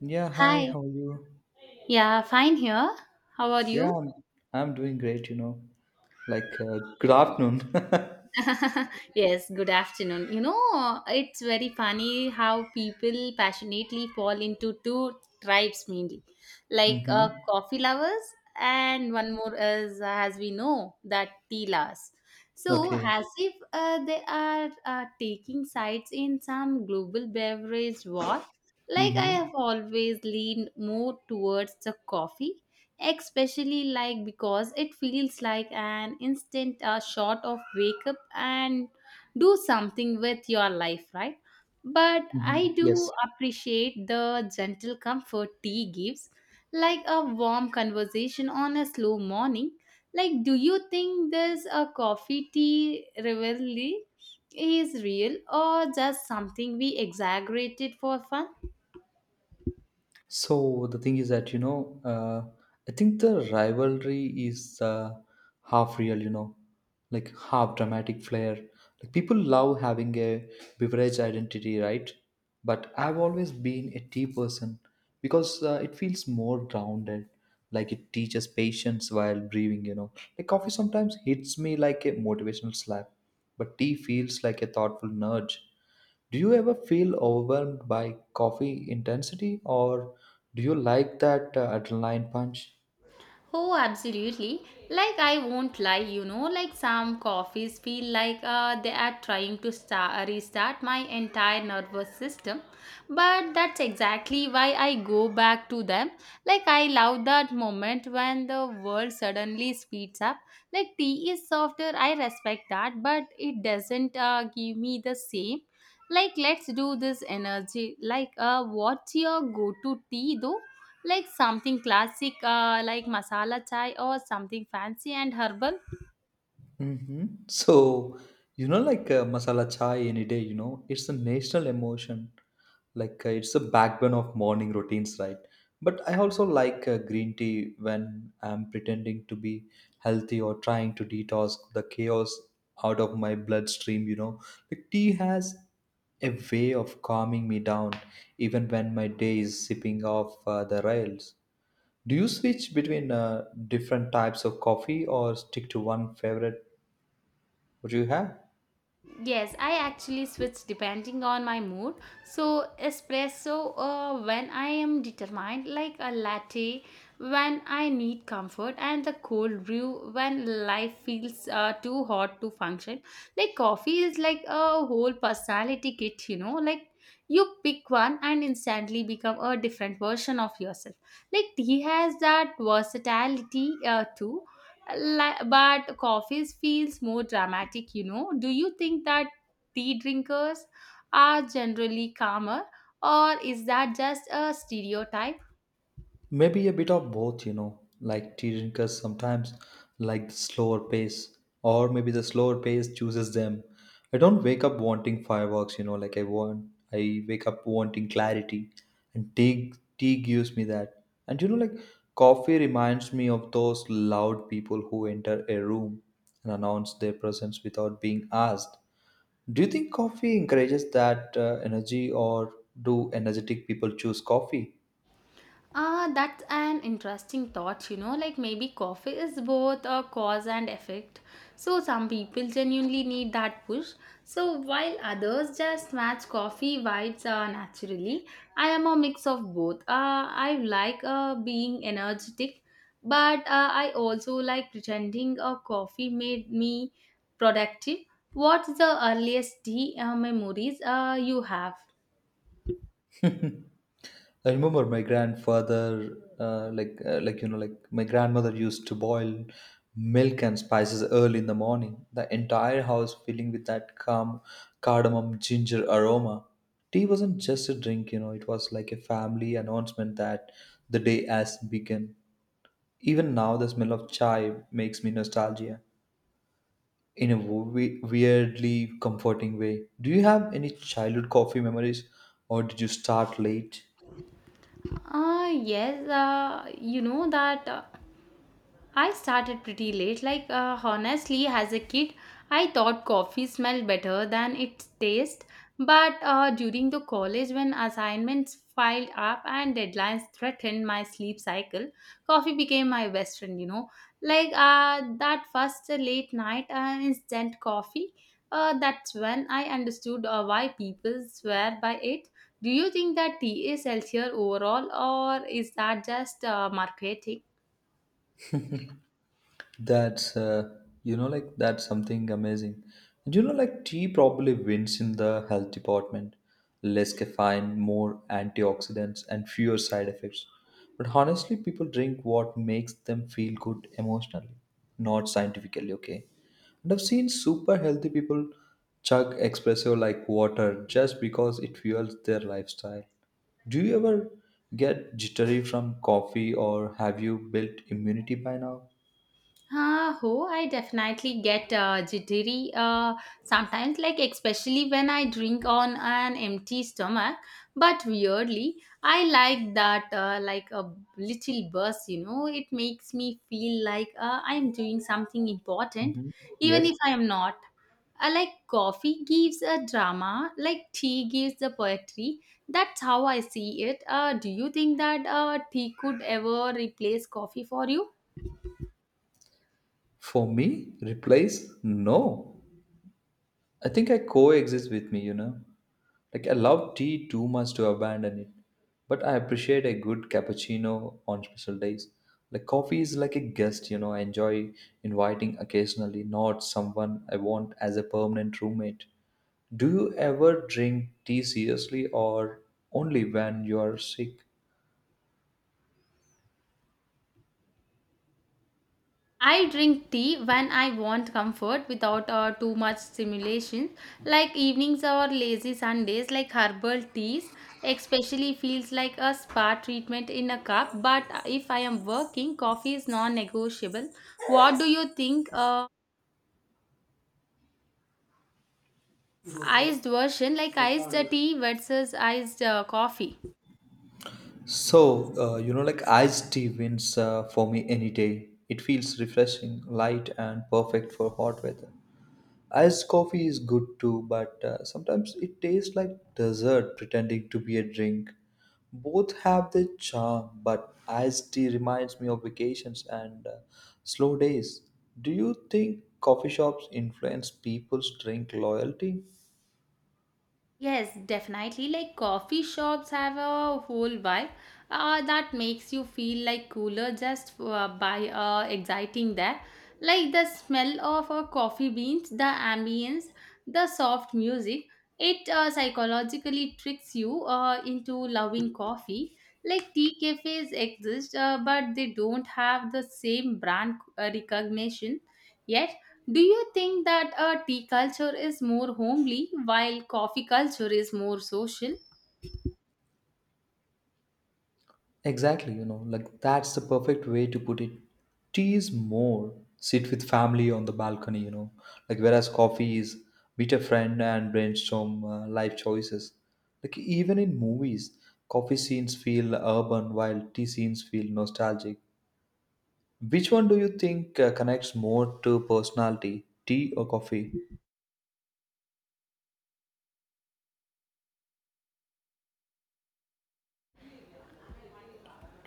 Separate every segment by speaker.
Speaker 1: Yeah, hi,
Speaker 2: Hi.
Speaker 1: how are you?
Speaker 2: Yeah, fine here. How are
Speaker 1: Yeah,
Speaker 2: you?
Speaker 1: I'm doing great. Like, good afternoon.
Speaker 2: Yes, good afternoon. You know, it's very funny how people passionately fall into two tribes mainly, like
Speaker 1: Mm-hmm.
Speaker 2: coffee lovers, and one more is, as we know, that tea lovers. So,
Speaker 1: Okay.
Speaker 2: as if they are taking sides in some global beverage war, like I
Speaker 1: Mm-hmm.
Speaker 2: have always leaned more towards the coffee especially like because it feels like an instant shot of wake up and do something with your life, right? But
Speaker 1: Mm-hmm.
Speaker 2: I do
Speaker 1: Yes.
Speaker 2: appreciate the gentle comfort tea gives, like a warm conversation on a slow morning. Like, do you think this a coffee tea rivalry is real or just something we exaggerated for fun?
Speaker 1: So the thing is that I think the rivalry is half real, like half dramatic flair. Like people love having a beverage identity, right? But I've always been a tea person because it feels more grounded. Like it teaches patience while breathing. Like coffee sometimes hits me like a motivational slap, but tea feels like a thoughtful nudge. Do you ever feel overwhelmed by coffee intensity, or do you like that adrenaline punch?
Speaker 2: Oh, absolutely. Like, I won't lie, you know, like some coffees feel like they are trying to start, restart my entire nervous system. But that's exactly why I go back to them. Like, I love that moment when the world suddenly speeds up. Like, tea is softer, I respect that, but it doesn't give me the same. Like, let's do this energy. Like, what's your go to tea though? Like something classic like masala chai or something fancy and herbal?
Speaker 1: Mm-hmm. So, like masala chai any day, it's a national emotion. Like it's a backbone of morning routines, right? But I also like green tea when I'm pretending to be healthy or trying to detox the chaos out of my bloodstream. Like tea has a way of calming me down even when my day is sipping off the rails. Do you switch between different types of coffee or stick to one favorite? What do you have?
Speaker 2: Yes, I actually switch depending on my mood. So, espresso when I am determined, like a latte when I need comfort, and the cold brew when life feels too hot to function. Like, coffee is like a whole personality kit, you know, like you pick one and instantly become a different version of yourself. Like, tea has that versatility too. But coffee feels more dramatic, you know. Do you think that tea drinkers are generally calmer or is that just a stereotype?
Speaker 1: Maybe a bit of both. Like tea drinkers sometimes like the slower pace, or maybe the slower pace chooses them. I don't wake up wanting fireworks, like I want. I wake up wanting clarity, and tea gives me that. And like coffee reminds me of those loud people who enter a room and announce their presence without being asked. Do you think coffee encourages that energy, or do energetic people choose coffee?
Speaker 2: Ah, that's an interesting thought, you know, like maybe coffee is both a cause and effect. So some people genuinely need that push. So while others just match coffee vibes naturally, I am a mix of both. I like being energetic, but I also like pretending a coffee made me productive. What's the earliest tea memories you have?
Speaker 1: I remember my grandfather, like my grandmother used to boil milk and spices early in the morning. The entire house filling with that calm cardamom ginger aroma. Tea wasn't just a drink. It was like a family announcement that the day has begun. Even now, the smell of chai makes me nostalgia in a weirdly comforting way. Do you have any childhood coffee memories, or did you start late?
Speaker 2: Ah, yes, you know that. I started pretty late. Like, honestly, as a kid, I thought coffee smelled better than its taste. But during the college, when assignments piled up and deadlines threatened my sleep cycle, coffee became my best friend, you know. Like, that first late night instant coffee, that's when I understood why people swear by it. Do you think that tea is healthier overall, or is that just marketing?
Speaker 1: That's uh, that's something amazing. And tea probably wins in the health department. Less caffeine, more antioxidants and fewer side effects. But honestly people drink what makes them feel good emotionally, not scientifically, okay? And I've seen super healthy people chug espresso like water just because it fuels their lifestyle. Do you ever get jittery from coffee or have you built immunity by now?
Speaker 2: Oh, I definitely get jittery sometimes, like especially when I drink on an empty stomach. But weirdly, I like that, like a little burst, you know, it makes me feel like I'm doing something important,
Speaker 1: Mhm.
Speaker 2: even
Speaker 1: Yes.
Speaker 2: if I'm not. Like coffee gives a drama, like tea gives the poetry. That's how I see it. Do you think that tea could ever replace coffee for you?
Speaker 1: For me, replace? No. I think I coexist with me. Like I love tea too much to abandon it. But I appreciate a good cappuccino on special days. Like coffee is like a guest, I enjoy inviting occasionally, not someone I want as a permanent roommate. Do you ever drink tea seriously or only when you are sick?
Speaker 2: I drink tea when I want comfort without too much stimulation, like evenings or lazy Sundays, like herbal teas, especially feels like a spa treatment in a cup. But if I am working, coffee is non-negotiable. What do you think? Iced version, like iced tea versus iced coffee.
Speaker 1: So, like iced tea wins for me any day. It feels refreshing, light, and perfect for hot weather. Iced coffee is good too, but sometimes it tastes like dessert pretending to be a drink. Both have their charm, but iced tea reminds me of vacations and slow days. Do you think coffee shops influence people's drink loyalty?
Speaker 2: Yes, definitely. Like coffee shops have a whole vibe that makes you feel like cooler just by exciting there. Like the smell of coffee beans, the ambience, the soft music, it psychologically tricks you into loving coffee. Like tea cafes exist, but they don't have the same brand recognition. Yet do you think that a tea culture is more homely while coffee culture is more social?
Speaker 1: Exactly, like that's the perfect way to put it. Tea is more sit with family on the balcony, like whereas coffee is meet a friend and brainstorm life choices. Like even in movies, coffee scenes feel urban while tea scenes feel nostalgic. Which one do you think connects more to personality, tea or coffee?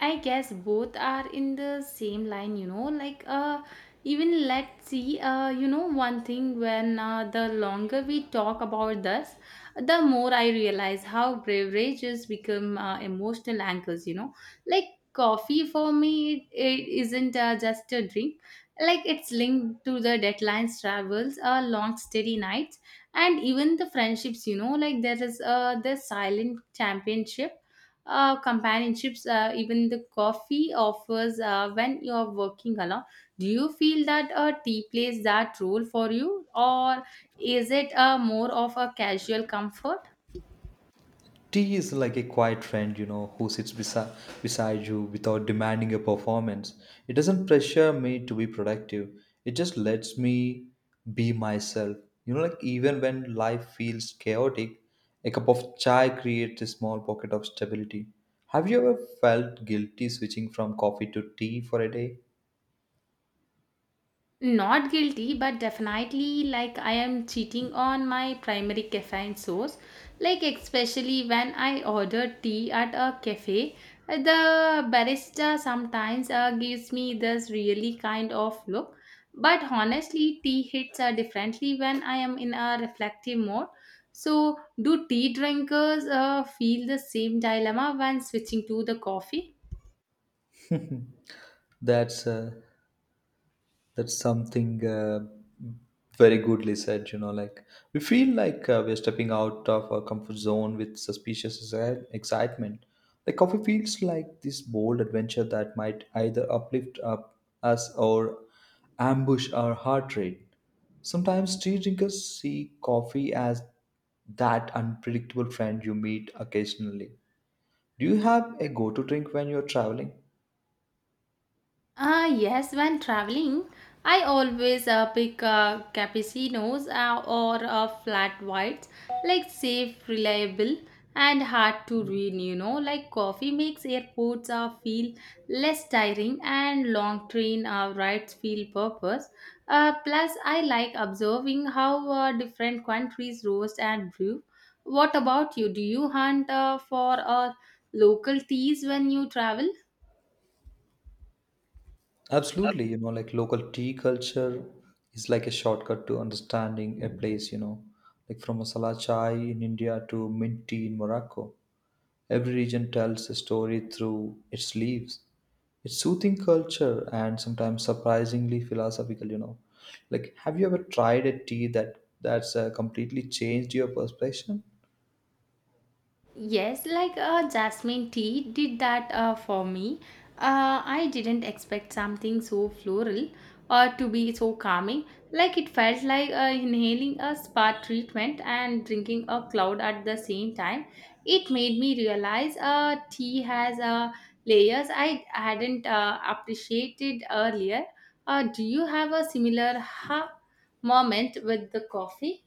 Speaker 2: I guess both are in the same line, you know. Like, even let's see, you know, one thing when the longer we talk about this, the more I realize how beverages become emotional anchors, you know. Like, coffee for me, it isn't just a drink. Like, it's linked to the deadlines, travels, long, steady nights, and even the friendships, you know. Like, there is the silent championship companionships even the coffee offers when you are working alone. Do you feel that tea plays that role for you or is it more of a casual comfort?
Speaker 1: Tea is like a quiet friend, who sits beside you without demanding a performance. It doesn't pressure me to be productive. It just lets me be myself. Like even when life feels chaotic, a cup of chai creates a small pocket of stability. Have you ever felt guilty switching from coffee to tea for a day?
Speaker 2: Not guilty, but definitely like I am cheating on my primary caffeine source. Like, especially when I order tea at a cafe, the barista sometimes gives me this really kind of look. But honestly, tea hits differently when I am in a reflective mode. So, do tea drinkers feel the same dilemma when switching to the coffee?
Speaker 1: That's uh, that's something very goodly said. Like we feel like we're stepping out of our comfort zone with suspicious excitement. Like coffee feels like this bold adventure that might either uplift up us or ambush our heart rate. Sometimes tea drinkers see coffee as that unpredictable friend you meet occasionally. Do you have a go-to drink when you're traveling?
Speaker 2: Ah, yes, when traveling, I always pick cappuccinos or flat whites, like safe, reliable, and hard to ruin, you know. Like coffee makes airports feel less tiring and long train rides feel purpose. Plus, I like observing how different countries roast and brew. What about you? Do you hunt for local teas when you travel?
Speaker 1: Absolutely, like local tea culture is like a shortcut to understanding a place, like from masala chai in India to mint tea in Morocco. Every region tells a story through its leaves. It's soothing culture and sometimes surprisingly philosophical. Like, have you ever tried a tea that's completely changed your perception?
Speaker 2: Yes, like jasmine tea did that for me. I didn't expect something so floral or to be so calming. Like it felt like inhaling a spa treatment and drinking a cloud at the same time. It made me realize tea has layers I hadn't appreciated earlier. Do you have a similar ha moment with the coffee?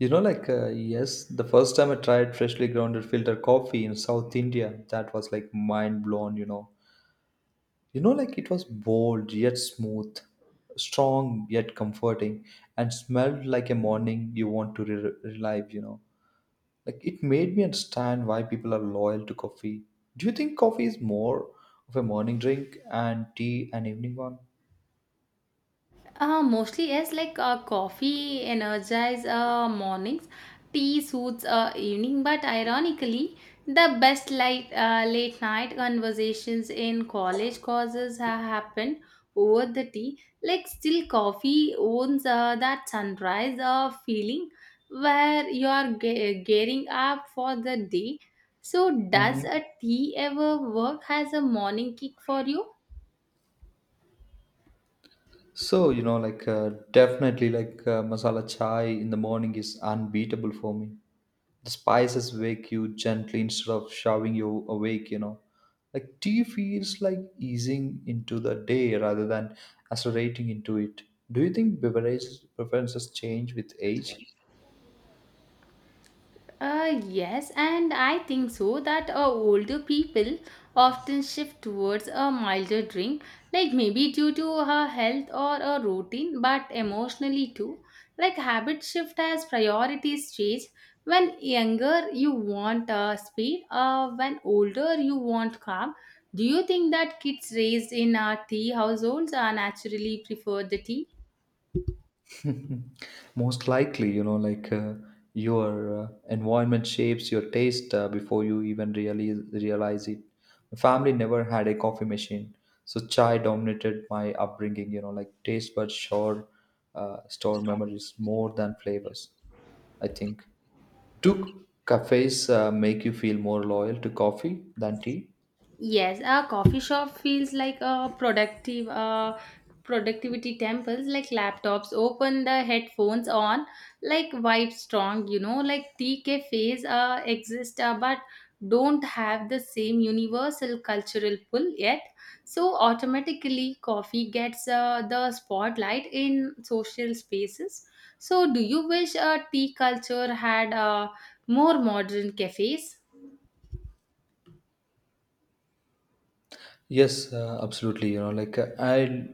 Speaker 1: Like, yes, the first time I tried freshly grounded filter coffee in South India, that was like mind blown. Like it was bold yet smooth, strong yet comforting, and smelled like a morning you want to relive. Like it made me understand why people are loyal to coffee. Do you think coffee is more of a morning drink and tea an evening one?
Speaker 2: Mostly yes, like coffee energize mornings, tea suits evening. But ironically, the best late night conversations in college causes have happened over the tea. Like still, coffee owns that sunrise feeling where you are gearing up for the day. So, does
Speaker 1: Mhm.
Speaker 2: a tea ever work as a morning kick for you?
Speaker 1: So, like definitely like masala chai in the morning is unbeatable for me. The spices wake you gently instead of shoving you awake. Like tea feels like easing into the day rather than accelerating into it. Do you think beverages preferences change with age?
Speaker 2: Yes, and I think so that older people often shift towards a milder drink, like maybe due to her health or a routine, but emotionally too. Like habit shift as priorities change. When younger, you want speed, when older, you want calm. Do you think that kids raised in tea households are naturally prefer the tea?
Speaker 1: Most likely like your environment shapes your taste before you even really realize it. My family never had a coffee machine, so chai dominated my upbringing. Like taste buds sure store memories more than flavors, I think. Do cafes make you feel more loyal to coffee than tea?
Speaker 2: Yes, a coffee shop feels like a productive productivity temples, like laptops open, the headphones on, like vibe strong, you know. Like tea cafes exist, but don't have the same universal cultural pull yet, so automatically coffee gets the spotlight in social spaces. So do you wish a tea culture had more modern cafes?
Speaker 1: Yes, absolutely. Like uh, I,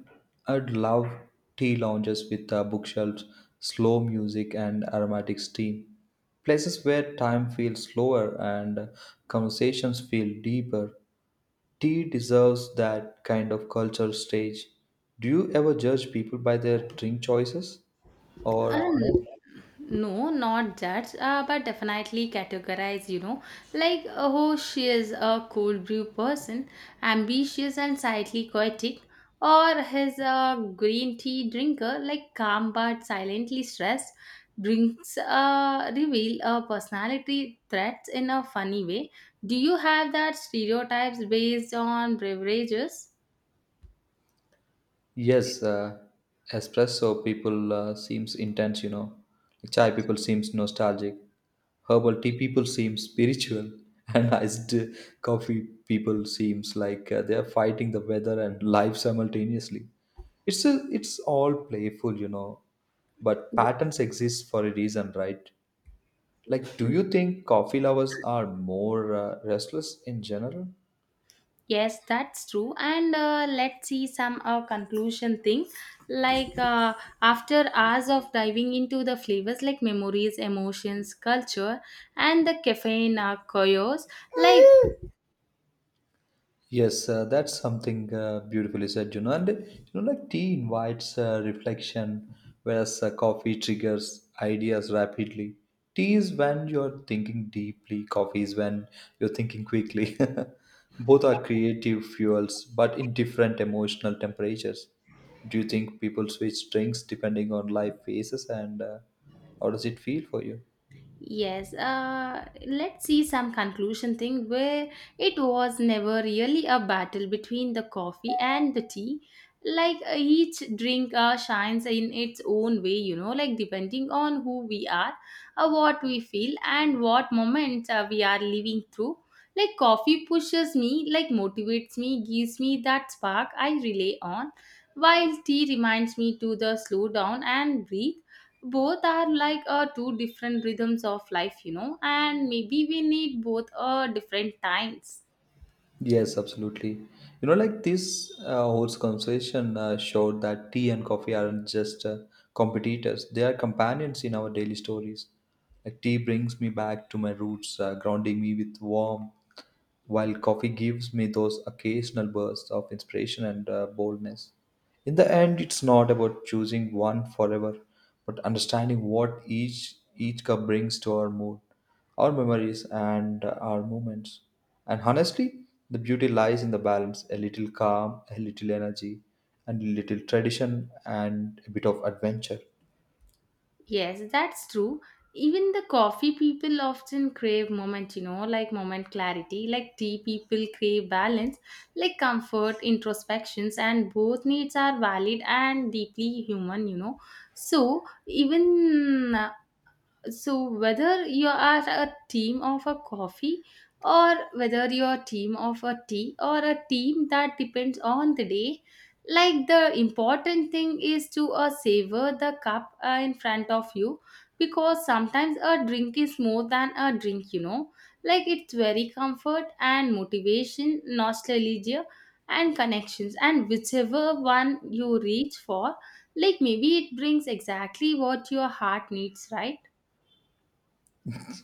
Speaker 1: I'd love tea lounges with bookshelves, slow music, and aromatic steam. Places where time feels slower and conversations feel deeper. Tea deserves that kind of culture stage. Do you ever judge people by their drink choices or
Speaker 2: Um,
Speaker 1: no?
Speaker 2: no, not judge, but definitely categorize, you know, like, oh, she is a cold brew person, ambitious and slightly poetic, or his green tea drinker, like calm but silently stressed, drinks reveal a personality threats in a funny way. Do you have that stereotypes based on beverages?
Speaker 1: Yes, espresso people seems intense. Like chai people seems nostalgic. Herbal tea people seems spiritual, and iced coffee people seems like they are fighting the weather and life simultaneously. It's all playful. But patterns exist for a reason, right? Like, do you think coffee lovers are more restless in general?
Speaker 2: Yes, that's true. And let's see some conclusion thing. Like after hours of diving into the flavors like memories, emotions, culture, and the caffeine chaos, like
Speaker 1: Yes, that's something beautifully said. And like tea invites reflection, whereas coffee triggers ideas rapidly. Tea is when you're thinking deeply, coffee is when you're thinking quickly. Both are creative fuels, but in different emotional temperatures. Do you think people switch drinks depending on life phases, and how does it feel for you?
Speaker 2: Yes, let's see some conclusion thing where it was never really a battle between the coffee and the tea. Like each drink shines in its own way, you know, like depending on who we are, what we feel, and what moment we are living through. Like coffee pushes me, like motivates me, gives me that spark I rely on, while tea reminds me to the slow down and breathe. Both are like two different rhythms of life, you know, and maybe we need both different times.
Speaker 1: Yes, absolutely. Like this whole conversation showed that tea and coffee aren't just competitors, they are companions in our daily stories. Like, tea brings me back to my roots, grounding me with warmth while coffee gives me those occasional bursts of inspiration and boldness. In the end, it's not about choosing one forever, but understanding what each cup brings to our mood, our memories, and our moments. And honestly, the beauty lies in the balance: a little calm, a little energy, and a little tradition, and a bit of adventure.
Speaker 2: Yes, that's true. Even the coffee people often crave moment, you know, like moment clarity, like tea people crave balance, like comfort, introspections, and both needs are valid and deeply human, you know. So even, so whether you are a team of a coffee or whether you're a team of a tea or a team that depends on the day, like the important thing is to savor the cup in front of you because sometimes a drink is more than a drink, you know. Like it's very comfort and motivation, nostalgia and connections, and whichever one you reach for, like maybe it brings exactly what your heart needs, right?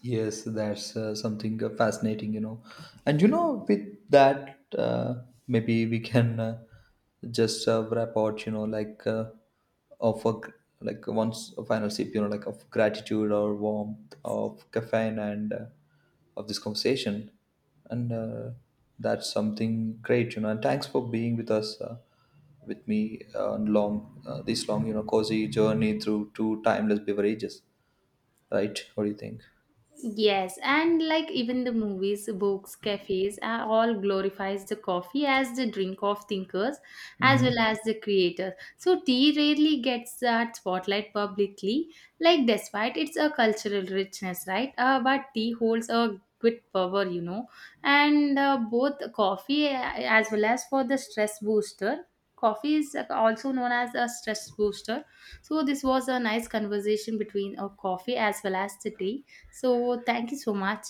Speaker 1: Yes, that's something fascinating. And with that, maybe we can just wrap out, of a, gr- like once a final sip, like of gratitude or warmth of caffeine and of this conversation, and that's something great. And thanks for being with us, with me on long this long, cozy journey through two timeless beverages, right? What do you think?
Speaker 2: Yes, and like even the movies, books, cafes, all glorifies the coffee as the drink of thinkers as
Speaker 1: Mm-hmm.
Speaker 2: well as the creators. So tea rarely gets that spotlight publicly, like despite its a cultural richness, right? But tea holds a good power, you know, and both coffee as well as for the stress booster. Coffee is also known as a stress booster. So this was a nice conversation between a coffee as well as the tea. So, thank you so much.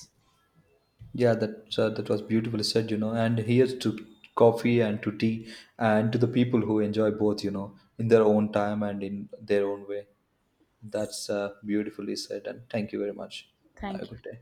Speaker 1: Yeah, that was beautifully said. And here's to coffee and to tea and to the people who enjoy both, in their own time and in their own way. That's beautifully said. And thank you very much. Have a
Speaker 2: Thank you.
Speaker 1: good day.